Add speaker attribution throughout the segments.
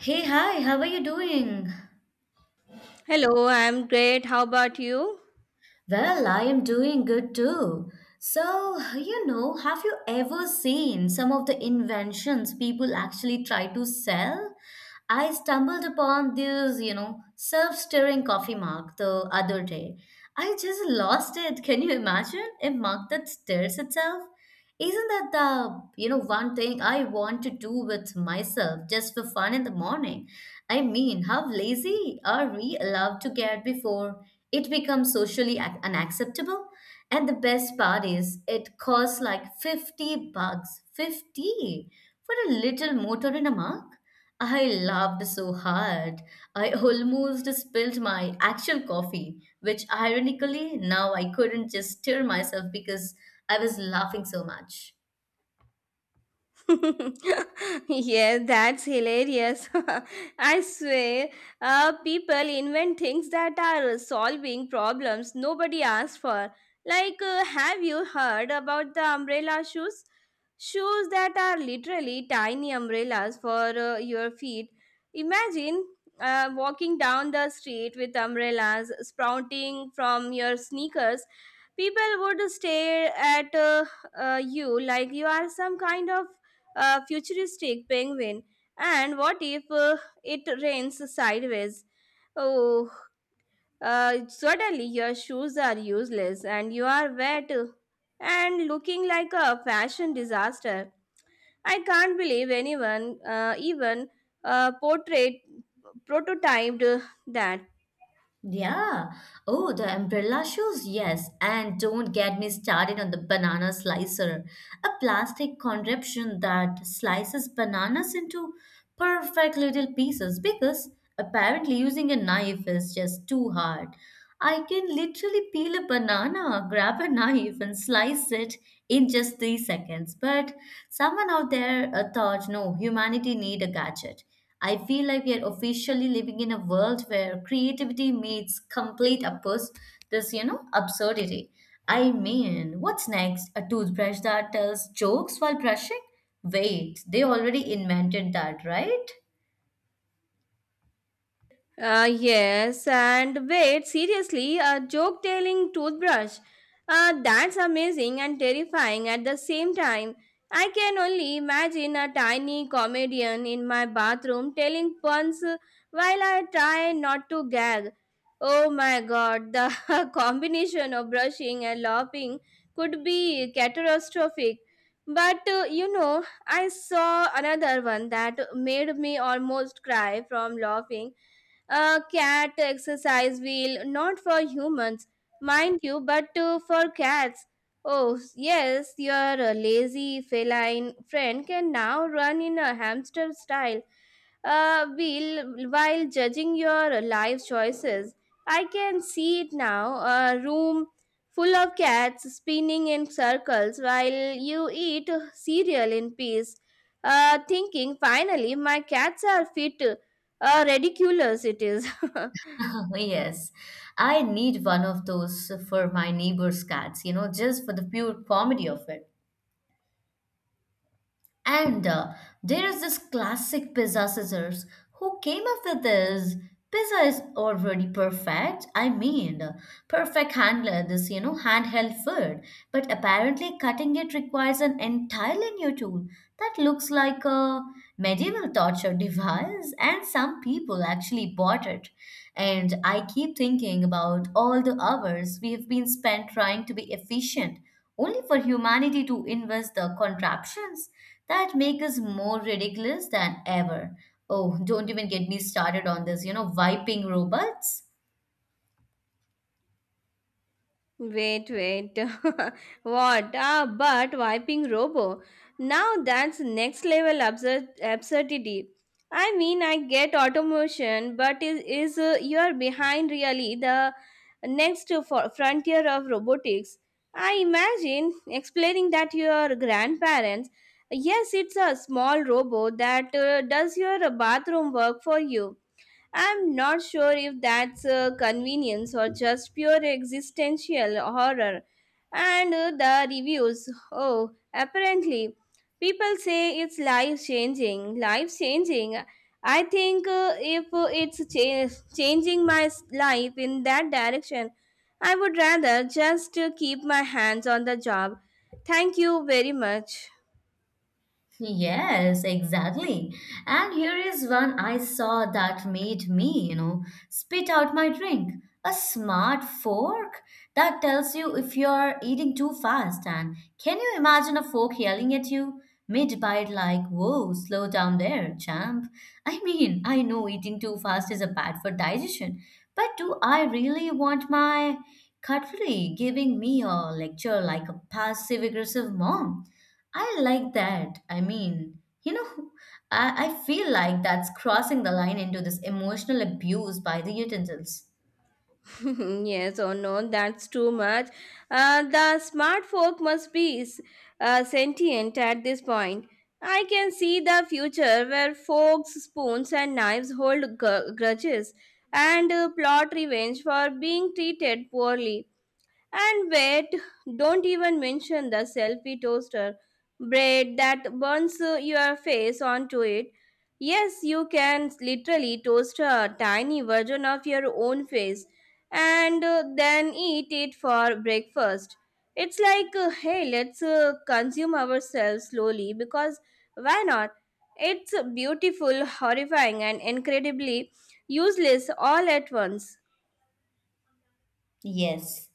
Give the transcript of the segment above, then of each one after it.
Speaker 1: Hey, hi, how are you doing?
Speaker 2: Hello, I'm great. How about you?
Speaker 1: Well, I am doing good too. So, you know, have you ever seen some of the inventions people actually try to sell? I stumbled upon this, you know, self-stirring coffee mug the other day. I just lost it. Can you imagine a mug that stirs itself? Isn't that the, you know, one thing I want to do with myself just for fun in the morning? I mean, how lazy are we allowed to get before it becomes socially unacceptable? And the best part is, it costs like $50. 50 for a little motor in a mug? I laughed so hard. I almost spilled my actual coffee, which ironically now I couldn't just stir myself because I was laughing so much.
Speaker 2: Yeah, that's hilarious. I swear, people invent things that are solving problems nobody asked for. Like, have you heard about the umbrella shoes? Shoes that are literally tiny umbrellas for your feet. Imagine walking down the street with umbrellas sprouting from your sneakers. People would stare at you like you are some kind of a futuristic penguin. And what if it rains sideways? Oh, suddenly your shoes are useless and you are wet, and looking like a fashion disaster. I can't believe anyone even portrait prototyped that.
Speaker 1: Yeah. Oh, the umbrella shoes, yes. And don't get me started on the banana slicer, a plastic contraption that slices bananas into perfect little pieces because apparently using a knife is just too hard. I can literally peel a banana, grab a knife, and slice it in just 3 seconds. But someone out there thought, no, humanity need a gadget. I feel like we are officially living in a world where creativity meets complete uppers, this, you know, absurdity. I mean, what's next? A toothbrush that tells jokes while brushing? Wait, they already invented that, right?
Speaker 2: Yes, and wait, seriously, a joke telling toothbrush. That's amazing and terrifying at the same time. I can only imagine a tiny comedian in my bathroom telling puns while I try not to gag. Oh my god, the combination of brushing and laughing could be catastrophic. But you know, I saw another one that made me almost cry from laughing: a cat exercise wheel, not for humans, mind you, but for cats. Oh, yes, your lazy feline friend can now run in a hamster style wheel while judging your life choices. I can see it now: a room full of cats spinning in circles while you eat cereal in peace, thinking, finally, my cats are fit. Ridiculous it is.
Speaker 1: Yes, I need one of those for my neighbor's cats, you know, just for the pure comedy of it. And there is this classic pizza scissors. Who came up with this? Pizza is already perfect. I mean, perfect handler, this, you know, handheld food. But apparently, cutting it requires an entirely new tool that looks like a medieval torture device. And some people actually bought it. And I keep thinking about all the hours we have been spent trying to be efficient only for humanity to invent the contraptions that make us more ridiculous than ever. Oh, don't even get me started on this, you know, wiping robots.
Speaker 2: Wait, wait. What? Ah, but wiping robo. Now that's next level absurdity. I mean, I get automation, but is you're behind really the next for frontier of robotics. I imagine explaining that your grandparents. Yes, it's a small robot that does your bathroom work for you. I'm not sure if that's a convenience or just pure existential horror. And the reviews. Oh, apparently, people say it's life changing. Life changing. I think if it's changing my life in that direction, I would rather just keep my hands on the job. Thank you very much.
Speaker 1: Yes, exactly. And here is one I saw that made me, you know, spit out my drink. A smart fork that tells you if you're eating too fast. And can you imagine a fork yelling at you mid-bite like, "Whoa, slow down there, champ." I mean, I know eating too fast is a bad for digestion, but do I really want my cutlery giving me a lecture like a passive-aggressive mom? I like that. I mean, you know, I feel like that's crossing the line into this emotional abuse by the utensils.
Speaker 2: Yes or no, that's too much. The smart folk must be sentient at this point. I can see the future where forks, spoons, and knives hold grudges and plot revenge for being treated poorly. And wait, don't even mention the selfie toaster bread that burns your face onto it. Yes, you can literally toast a tiny version of your own face and then eat it for breakfast. It's like, hey, let's consume ourselves slowly because why not? It's beautiful, horrifying, and incredibly useless all at once.
Speaker 1: Yes.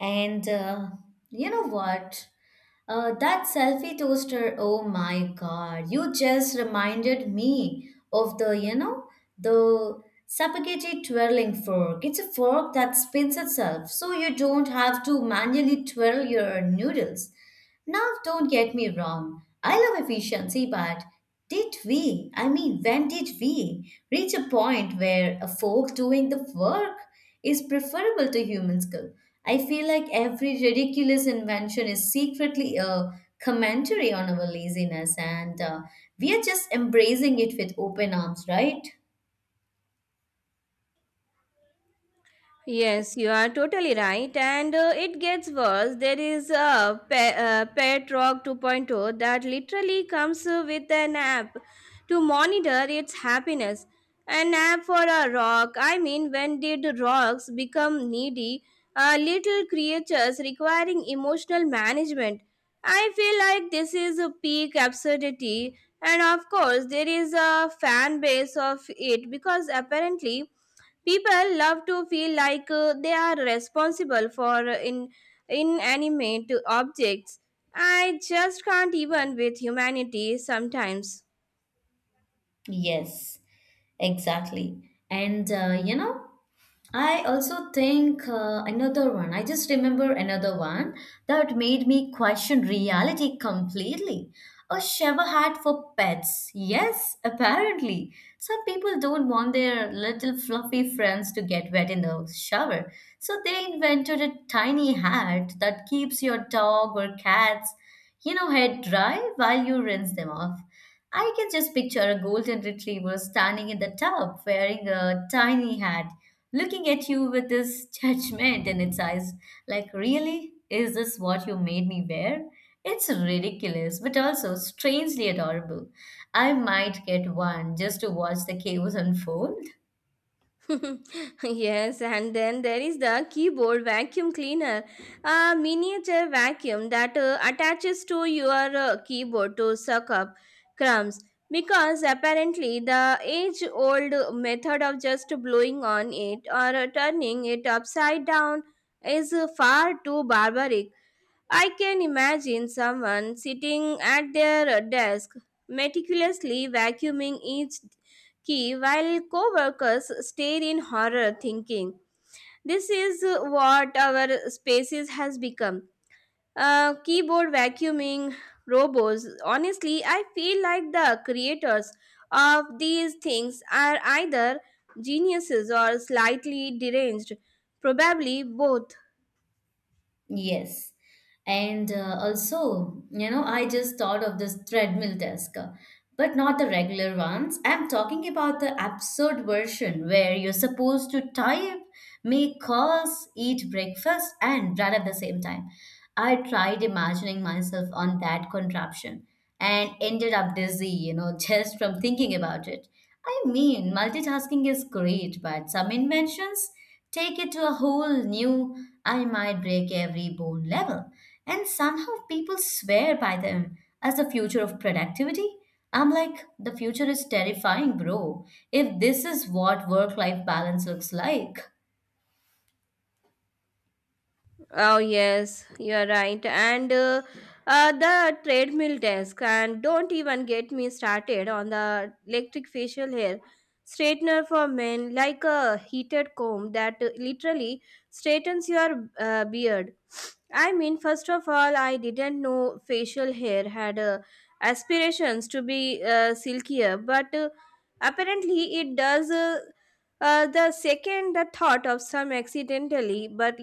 Speaker 1: And you know what? That selfie toaster, oh my God, you just reminded me of the, you know, the spaghetti twirling fork. It's a fork that spins itself, so you don't have to manually twirl your noodles. Now, don't get me wrong, I love efficiency, but did we, I mean, when did we reach a point where a fork doing the work is preferable to human skill? I feel like every ridiculous invention is secretly a commentary on our laziness, and we are just embracing it with open arms, right?
Speaker 2: Yes, you are totally right, and it gets worse. There is a Pet Rock 2.0 that literally comes with an app to monitor its happiness. An app for a rock. I mean, when did rocks become needy, little creatures requiring emotional management? I feel like this is a peak absurdity, and of course, there is a fan base of it because apparently people love to feel like they are responsible for inanimate objects. I just can't even with humanity sometimes.
Speaker 1: Yes, exactly. And you know, I also think another one, I just remember another one that made me question reality completely. A shower hat for pets. Yes, apparently. Some people don't want their little fluffy friends to get wet in the shower. So they invented a tiny hat that keeps your dog or cats you know, head dry while you rinse them off. I can just picture a golden retriever standing in the tub wearing a tiny hat, looking at you with this judgment in its eyes. Like, really? Is this what you made me wear? It's ridiculous, but also strangely adorable. I might get one just to watch the chaos unfold.
Speaker 2: Yes, and then there is the keyboard vacuum cleaner, a miniature vacuum that attaches to your keyboard to suck up crumbs. Because apparently, the age old method of just blowing on it or turning it upside down is far too barbaric. I can imagine someone sitting at their desk, meticulously vacuuming each key while coworkers stare in horror, thinking, this is what our spaces has become. Keyboard vacuuming robots. Honestly, I feel like the creators of these things are either geniuses or slightly deranged, probably both.
Speaker 1: Yes. And also, you know, I just thought of this treadmill desk, but not the regular ones. I'm talking about the absurd version where you're supposed to type, make calls, eat breakfast, and run at the same time. I tried imagining myself on that contraption and ended up dizzy, you know, just from thinking about it. I mean, multitasking is great, but some inventions take it to a whole new, I might break every bone level. And somehow people swear by them as the future of productivity. I'm like, the future is terrifying, bro, if this is what work life balance looks like.
Speaker 2: Oh yes, you're right. And The treadmill desk, and don't even get me started on the electric facial hair straightener for men, like a heated comb that literally straightens your beard. I mean, first of all, I didn't know facial hair had aspirations to be silkier, but apparently it does. The second the thought of some accidentally but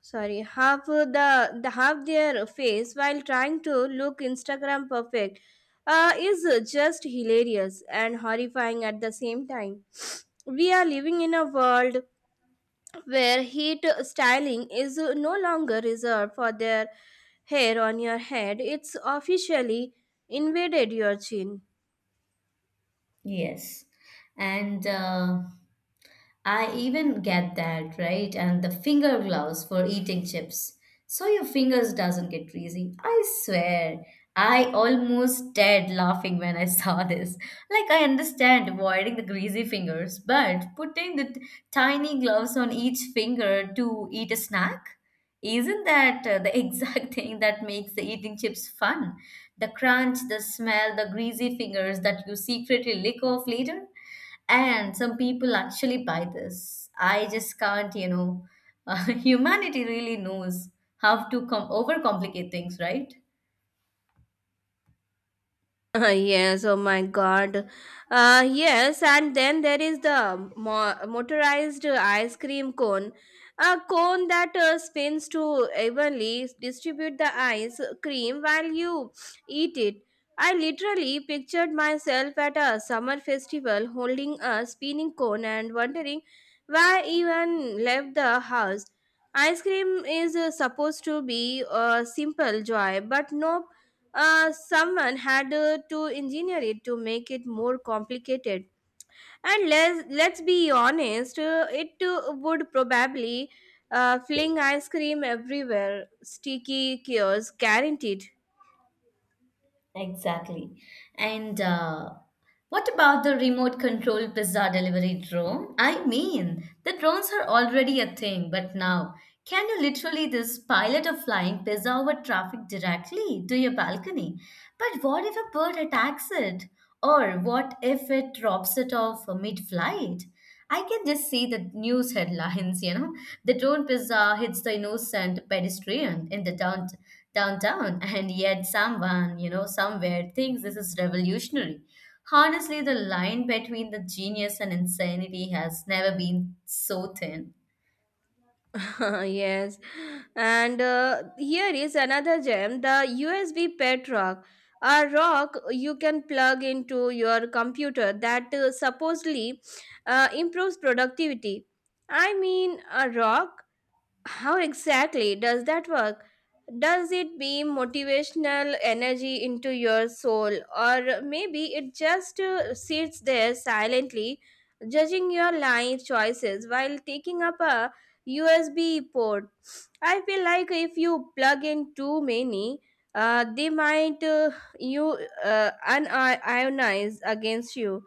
Speaker 2: sorry the half their face while trying to look Instagram perfect is just hilarious and horrifying at the same time. We are living in a world where heat styling is no longer reserved for their hair on your head. It's officially invaded your chin.
Speaker 1: Yes. And I even get that, right? And the finger gloves for eating chips. So your fingers doesn't get greasy. I swear. I almost died laughing when I saw this. Like I understand avoiding the greasy fingers, but putting the tiny gloves on each finger to eat a snack, isn't that the exact thing that makes the eating chips fun? The crunch, the smell, the greasy fingers that you secretly lick off later. And some people actually buy this. I just can't, you know. humanity really knows how to overcomplicate things, right?
Speaker 2: Yes, oh my god. Yes, and then there is the motorized ice cream cone. A cone that spins to evenly distribute the ice cream while you eat it. I literally pictured myself at a summer festival holding a spinning cone and wondering why I even left the house. Ice cream is supposed to be a simple joy, but no, someone had to engineer it to make it more complicated. And let's be honest, it would probably fling ice cream everywhere. Sticky cures, guaranteed.
Speaker 1: Exactly. And what about the remote control pizza delivery drone? I mean, the drones are already a thing, but now can you literally this pilot a flying pizza over traffic directly to your balcony? But what if a bird attacks it? Or what if it drops it off mid-flight? I can just see the news headlines, you know. The drone pizza hits the innocent pedestrian in the downtown, and yet someone, you know, somewhere thinks this is revolutionary. Honestly, the line between the genius and insanity has never been so thin.
Speaker 2: Yes. And here is another gem: the USB pet rock. A rock you can plug into your computer that supposedly improves productivity. I mean, a rock. How exactly does that work? Does it beam motivational energy into your soul, or maybe it just sits there silently, judging your life choices while taking up a USB port? I feel like if you plug in too many, they might you unionize against you.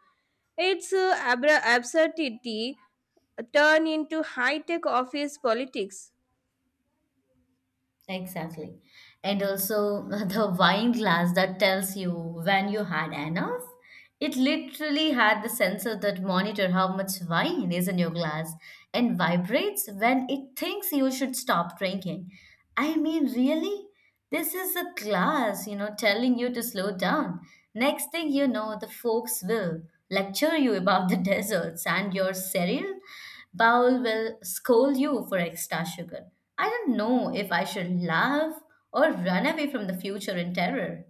Speaker 2: Its absurdity turn into high-tech office politics.
Speaker 1: Exactly. And also the wine glass that tells you when you had enough. It literally had the sensor that monitor how much wine is in your glass and vibrates when it thinks you should stop drinking. I mean, really? This is a class, you know, telling you to slow down. Next thing you know, the folks will lecture you about the deserts, and your cereal bowl will scold you for extra sugar. I don't know if I should laugh or run away from the future in terror.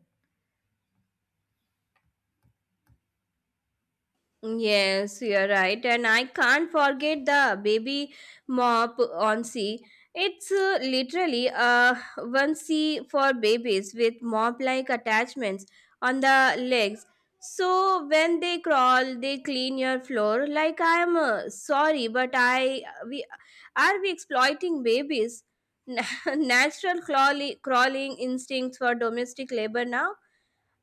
Speaker 2: Yes, you're right, and I can't forget the baby mop on sea. It's literally a one sea for babies with mop-like attachments on the legs. So when they crawl, they clean your floor. Like, I am sorry, but I we are we exploiting babies' natural crawling instincts for domestic labor now?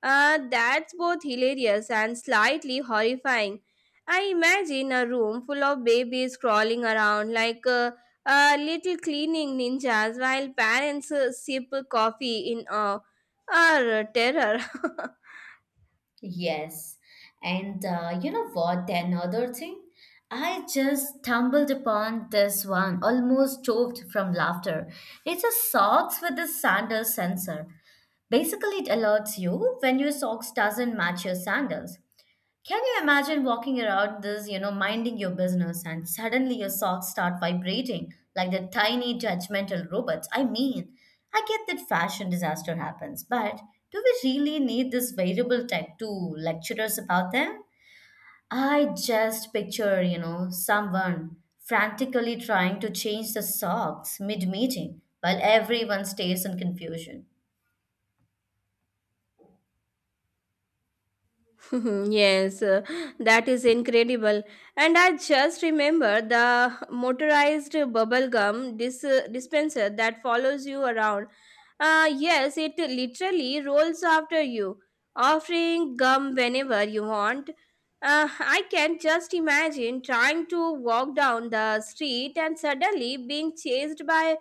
Speaker 2: That's both hilarious and slightly horrifying. I imagine a room full of babies crawling around like little cleaning ninjas while parents sip coffee in awe or terror.
Speaker 1: Yes. And you know what? The another thing, I just stumbled upon this one, almost choked from laughter. It's a socks with a sandal sensor. Basically, it alerts you when your socks doesn't match your sandals. Can you imagine walking around this, you know, minding your business and suddenly your socks start vibrating like the tiny judgmental robots? I mean, I get that fashion disaster happens, but do we really need this variable tech to lecture us about them? I just picture, you know, someone frantically trying to change the socks mid-meeting while everyone stays in confusion.
Speaker 2: Yes, that is incredible. And I just remember the motorized bubble gum dispenser that follows you around. Yes, it literally rolls after you, offering gum whenever you want. I can just imagine trying to walk down the street and suddenly being chased by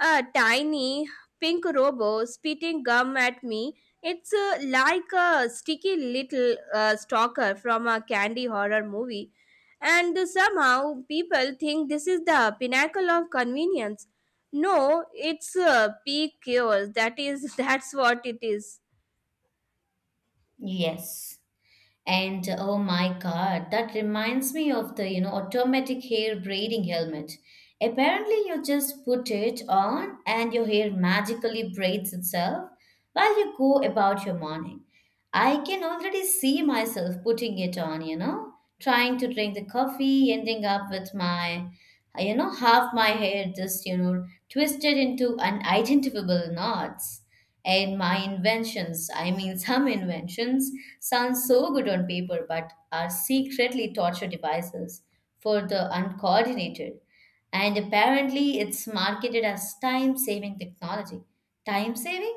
Speaker 2: a tiny pink robo spitting gum at me. It's like a sticky little stalker from a candy horror movie. And somehow people think this is the pinnacle of convenience. No, it's a peak chaos. That is, that's what it is.
Speaker 1: Yes. And oh my God, that reminds me of the, you know, automatic hair braiding helmet. Apparently, you just put it on and your hair magically braids itself while you go about your morning. I can already see myself putting it on, you know, trying to drink the coffee, ending up with my, you know, half my hair just, you know, twisted into unidentifiable knots. And my inventions, I mean, some inventions sound so good on paper, but are secretly torture devices for the uncoordinated. And apparently, it's marketed as time saving technology. Time saving?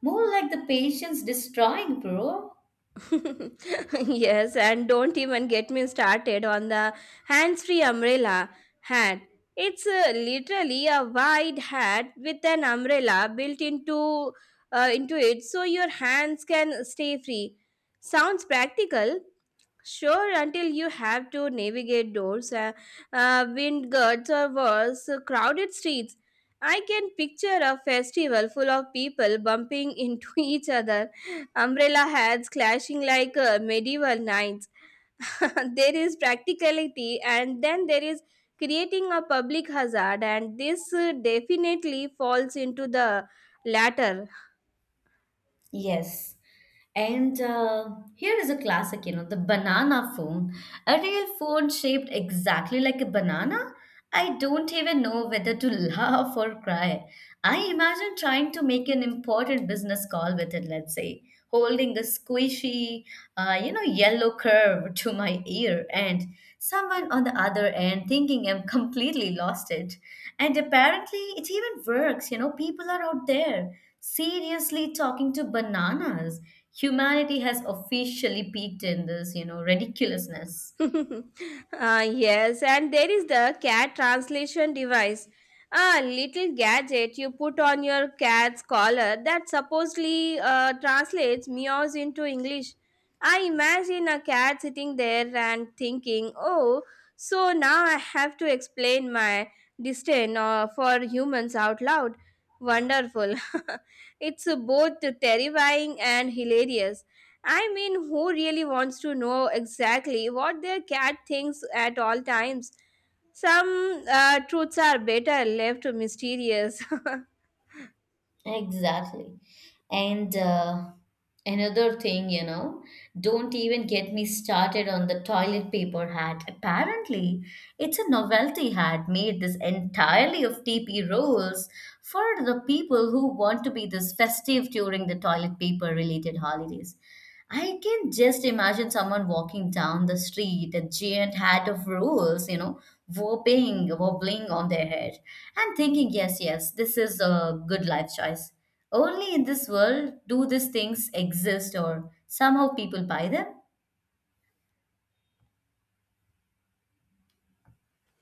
Speaker 1: More like the patience destroying, bro.
Speaker 2: Yes, and don't even get me started on the hands free umbrella hat. It's literally a wide hat with an umbrella built into it so your hands can stay free. Sounds practical. Sure, until you have to navigate doors, wind guards, or worse, crowded streets. I can picture a festival full of people bumping into each other, umbrella hats clashing like medieval knights. There is practicality, and then there is creating a public hazard, and this definitely falls into the latter.
Speaker 1: Yes. And here is a classic, you know, the banana phone. A real phone shaped exactly like a banana. I don't even know whether to laugh or cry. I imagine trying to make an important business call with it, let's say, holding the squishy, you know, yellow curve to my ear, and someone on the other end thinking I'm completely lost it. And apparently, it even works, you know, people are out there seriously, talking to bananas, humanity has officially peaked in this, you know, ridiculousness.
Speaker 2: Ah yes, and there is the cat translation device. A little gadget you put on your cat's collar that supposedly translates meows into English. I imagine a cat sitting there and thinking, oh, so now I have to explain my disdain for humans out loud. Wonderful. It's both terrifying and hilarious. I mean, who really wants to know exactly what their cat thinks at all times? Some truths are better left mysterious.
Speaker 1: Exactly. And another thing, you know, don't even get me started on the toilet paper hat. Apparently, it's a novelty hat made this entirely of TP rolls for the people who want to be this festive during the toilet paper related holidays. I can just imagine someone walking down the street, a giant hat of rules, you know, whopping, wobbling on their head, and thinking, yes, yes, this is a good life choice. Only in this world do these things exist, or somehow people buy them.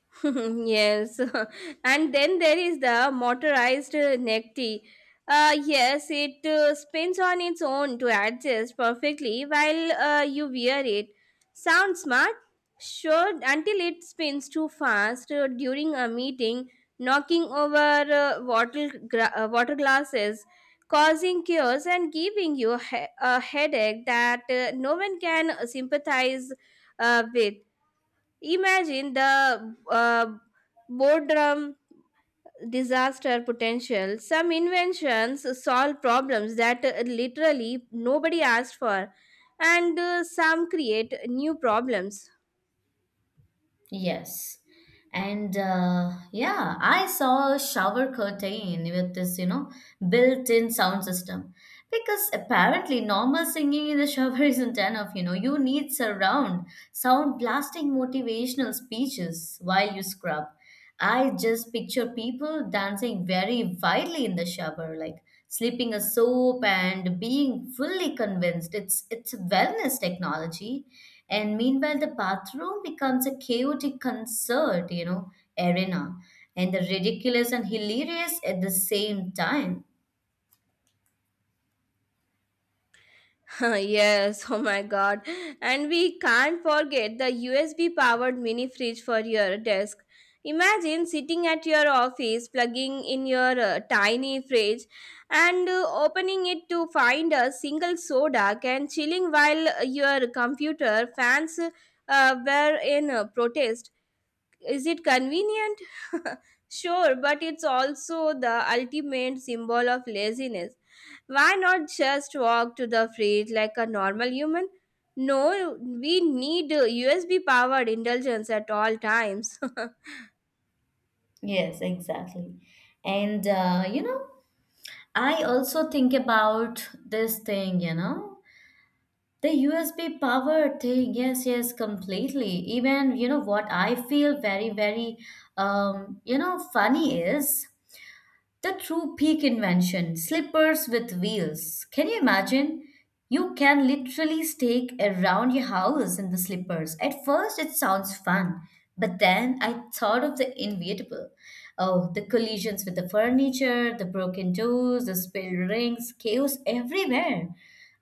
Speaker 2: Yes, and then there is the motorized neck tee. Yes, it spins on its own to adjust perfectly while you wear it. Sounds smart? Sure, until it spins too fast during a meeting, knocking over water glasses, causing chaos and giving you a, a headache that no one can sympathize with. Imagine the boredom disaster potential. Some inventions solve problems that literally nobody asked for, and some create new problems.
Speaker 1: Yes. And yeah, I saw a shower curtain with this, you know, built-in sound system. Because apparently normal singing in the shower isn't enough, you know, you need surround sound blasting motivational speeches while you scrub. I just picture people dancing very wildly in the shower, like slipping a soap and being fully convinced it's wellness technology. And meanwhile, the bathroom becomes a chaotic concert, you know, arena, and the ridiculous and hilarious at the same time.
Speaker 2: Yes, oh my god. And we can't forget the USB powered mini fridge for your desk. Imagine sitting at your office, plugging in your tiny fridge and opening it to find a single soda and chilling while your computer fans were in protest. Is it convenient? Sure, but it's also the ultimate symbol of laziness. Why not just walk to the fridge like a normal human? No, we need USB powered indulgence at all times.
Speaker 1: Yes, exactly. And you know, I also think about this thing, you know. The USB power thing, yes, yes, completely. Even, what I feel funny is the true peak invention, slippers with wheels. Can you imagine? You can literally stake around your house in the slippers. At first, it sounds fun, but then I thought of the inevitable. Oh, the collisions with the furniture, the broken doors, the spilled rings, chaos everywhere.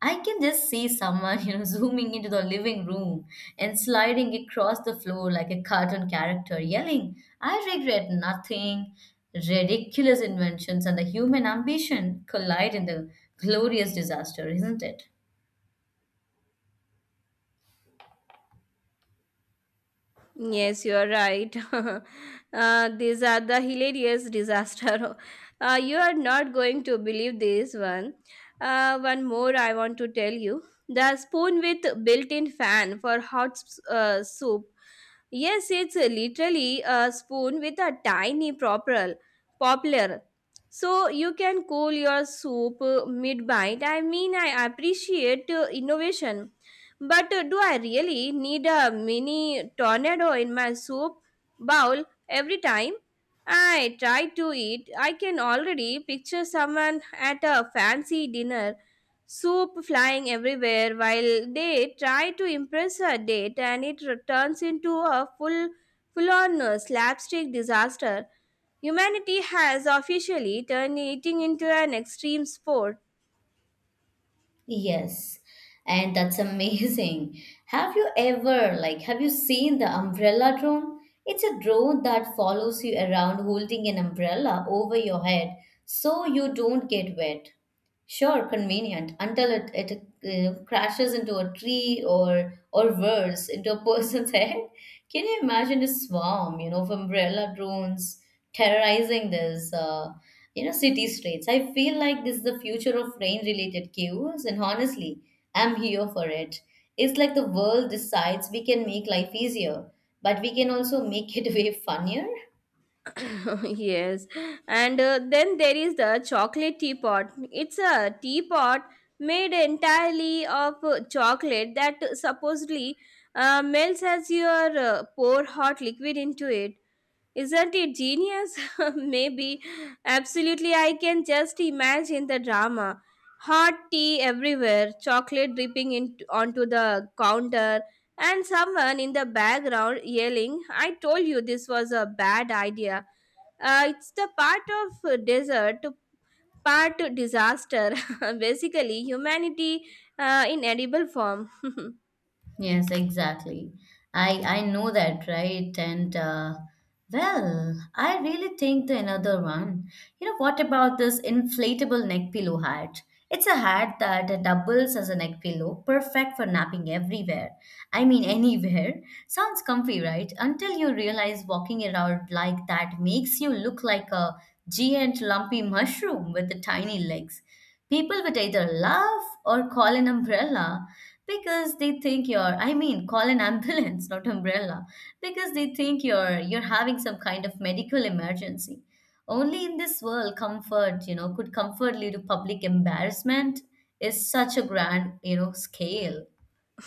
Speaker 1: I can just see someone, zooming into the living room and sliding across the floor like a cartoon character, yelling, I regret nothing. Ridiculous inventions and the human ambition collide in the glorious disaster, isn't it?
Speaker 2: Yes, you are right. These are the hilarious disaster. You are not going to believe this one. One more I want to tell you. The spoon with built-in fan for hot soup. Yes, it's literally a spoon with a tiny poplar. So you can cool your soup mid-bite. I mean, I appreciate innovation, but do I really need a mini tornado in my soup bowl every time I try to eat? I can already picture someone at a fancy dinner, soup flying everywhere while they try to impress a date, and it turns into a full on slapstick disaster. Humanity has officially turned eating into an extreme sport.
Speaker 1: Yes, and that's amazing. Have you ever, have you seen the umbrella drone? It's a drone that follows you around holding an umbrella over your head so you don't get wet. Sure, convenient until it crashes into a tree or worse into a person's head. Can you imagine a swarm, of umbrella drones terrorizing this, city streets? I feel like this is the future of rain-related queues, and honestly, I'm here for it. It's like the world decides we can make life easier, but we can also make it way funnier.
Speaker 2: Yes. And then there is the chocolate teapot. It's a teapot made entirely of chocolate that supposedly melts as you pour hot liquid into it. Isn't it genius? Maybe. Absolutely, I can just imagine the drama. Hot tea everywhere, chocolate onto the counter, and someone in the background yelling, I told you this was a bad idea. It's the part of desert to part disaster. Basically, humanity in edible form.
Speaker 1: Yes, exactly. I know that, right? I really think the another one. You know, what about this inflatable neck pillow hat? It's a hat that doubles as a neck pillow, perfect for napping everywhere. I mean, anywhere. Sounds comfy, right? Until you realize walking around like that makes you look like a giant lumpy mushroom with the tiny legs. People would either laugh or call an umbrella. Because they think you're, I mean, call an ambulance, not umbrella. Because they think you're having some kind of medical emergency. Only in this world, comfort, could comfort lead to public embarrassment is such a grand, scale.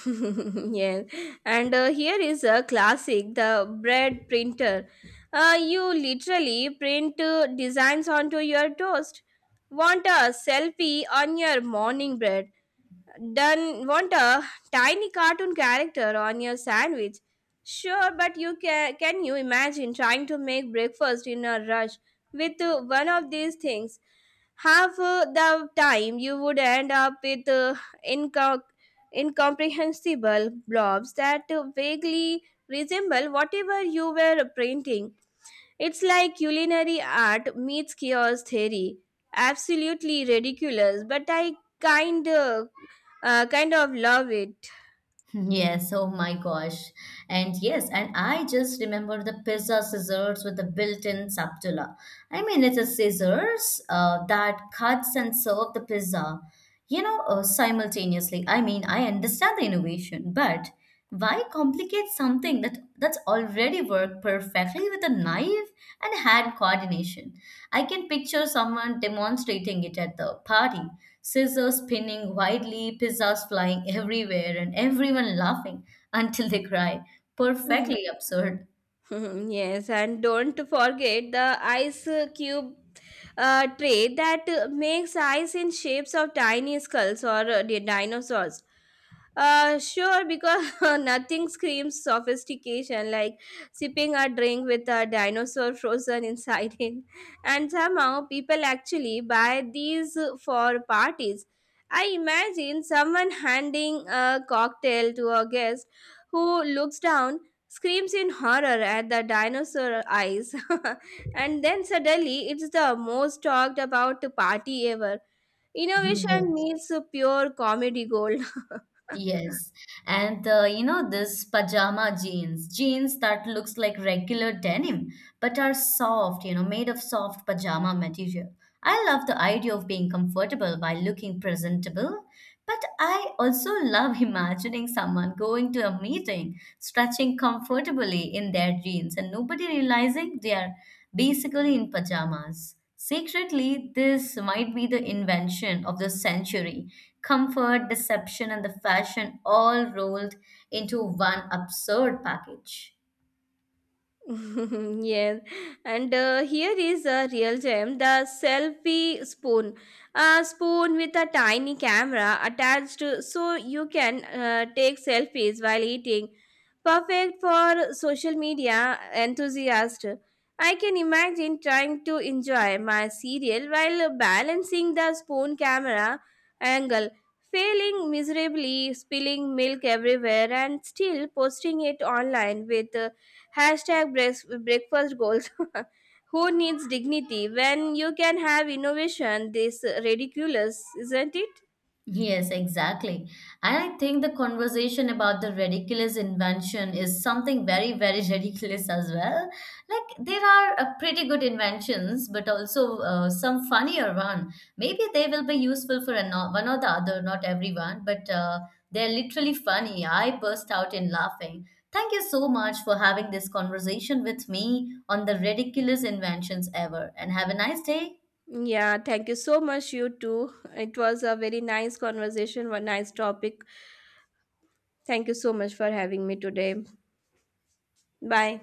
Speaker 2: Yeah, and here is a classic: the bread printer. You literally print designs onto your toast. Want a selfie on your morning bread? Done. Want a tiny cartoon character on your sandwich? Sure, but you can. Can you imagine trying to make breakfast in a rush with one of these things? Half the time you would end up with inco- incomprehensible blobs that vaguely resemble whatever you were printing. It's like culinary art meets chaos theory. Absolutely ridiculous, but I kind of, kind of love it.
Speaker 1: Yes, oh my gosh. And yes, and I just remember the pizza scissors with the built-in spatula. I mean, it's a scissors that cuts and serve the pizza. Simultaneously, I mean, I understand the innovation, but why complicate something that's already worked perfectly with a knife and hand coordination? I can picture someone demonstrating it at the party, scissors spinning widely, pizzas flying everywhere, and everyone laughing until they cry. Perfectly absurd.
Speaker 2: Hmm. Yes, and don't forget the ice cube tray that makes ice in shapes of tiny skulls or dinosaurs. Sure, because nothing screams sophistication like sipping a drink with a dinosaur frozen inside it. And somehow people actually buy these for parties. I imagine someone handing a cocktail to a guest who looks down, screams in horror at the dinosaur eyes, and then suddenly it's the most talked about party ever. Innovation
Speaker 1: Yes.
Speaker 2: meets pure comedy gold.
Speaker 1: Yes, and this pajama jeans, jeans that looks like regular denim but are soft, made of soft pajama material. I love the idea of being comfortable while looking presentable, but I also love imagining someone going to a meeting, stretching comfortably in their jeans, and nobody realizing they are basically in pajamas. Secretly, this might be the invention of the century. Comfort, deception, and the fashion all rolled into one absurd package.
Speaker 2: Yes, and here is a real gem: the selfie spoon. A spoon with a tiny camera attached so you can take selfies while eating. Perfect for social media enthusiasts. I can imagine trying to enjoy my cereal while balancing the spoon camera angle, failing miserably, spilling milk everywhere, and still posting it online with Hashtag breakfast goals. Who needs dignity when you can have innovation? This ridiculous, isn't it?
Speaker 1: Yes, exactly. And I think the conversation about the ridiculous invention is something very, very ridiculous as well. Like there are pretty good inventions, but also some funnier one. Maybe they will be useful for an, one or the other, not everyone, but they're literally funny. I burst out in laughing. Thank you so much for having this conversation with me on the ridiculous inventions ever, and have a nice day.
Speaker 2: Yeah, thank you so much, you too. It was a very nice conversation, one nice topic. Thank you so much for having me today. Bye.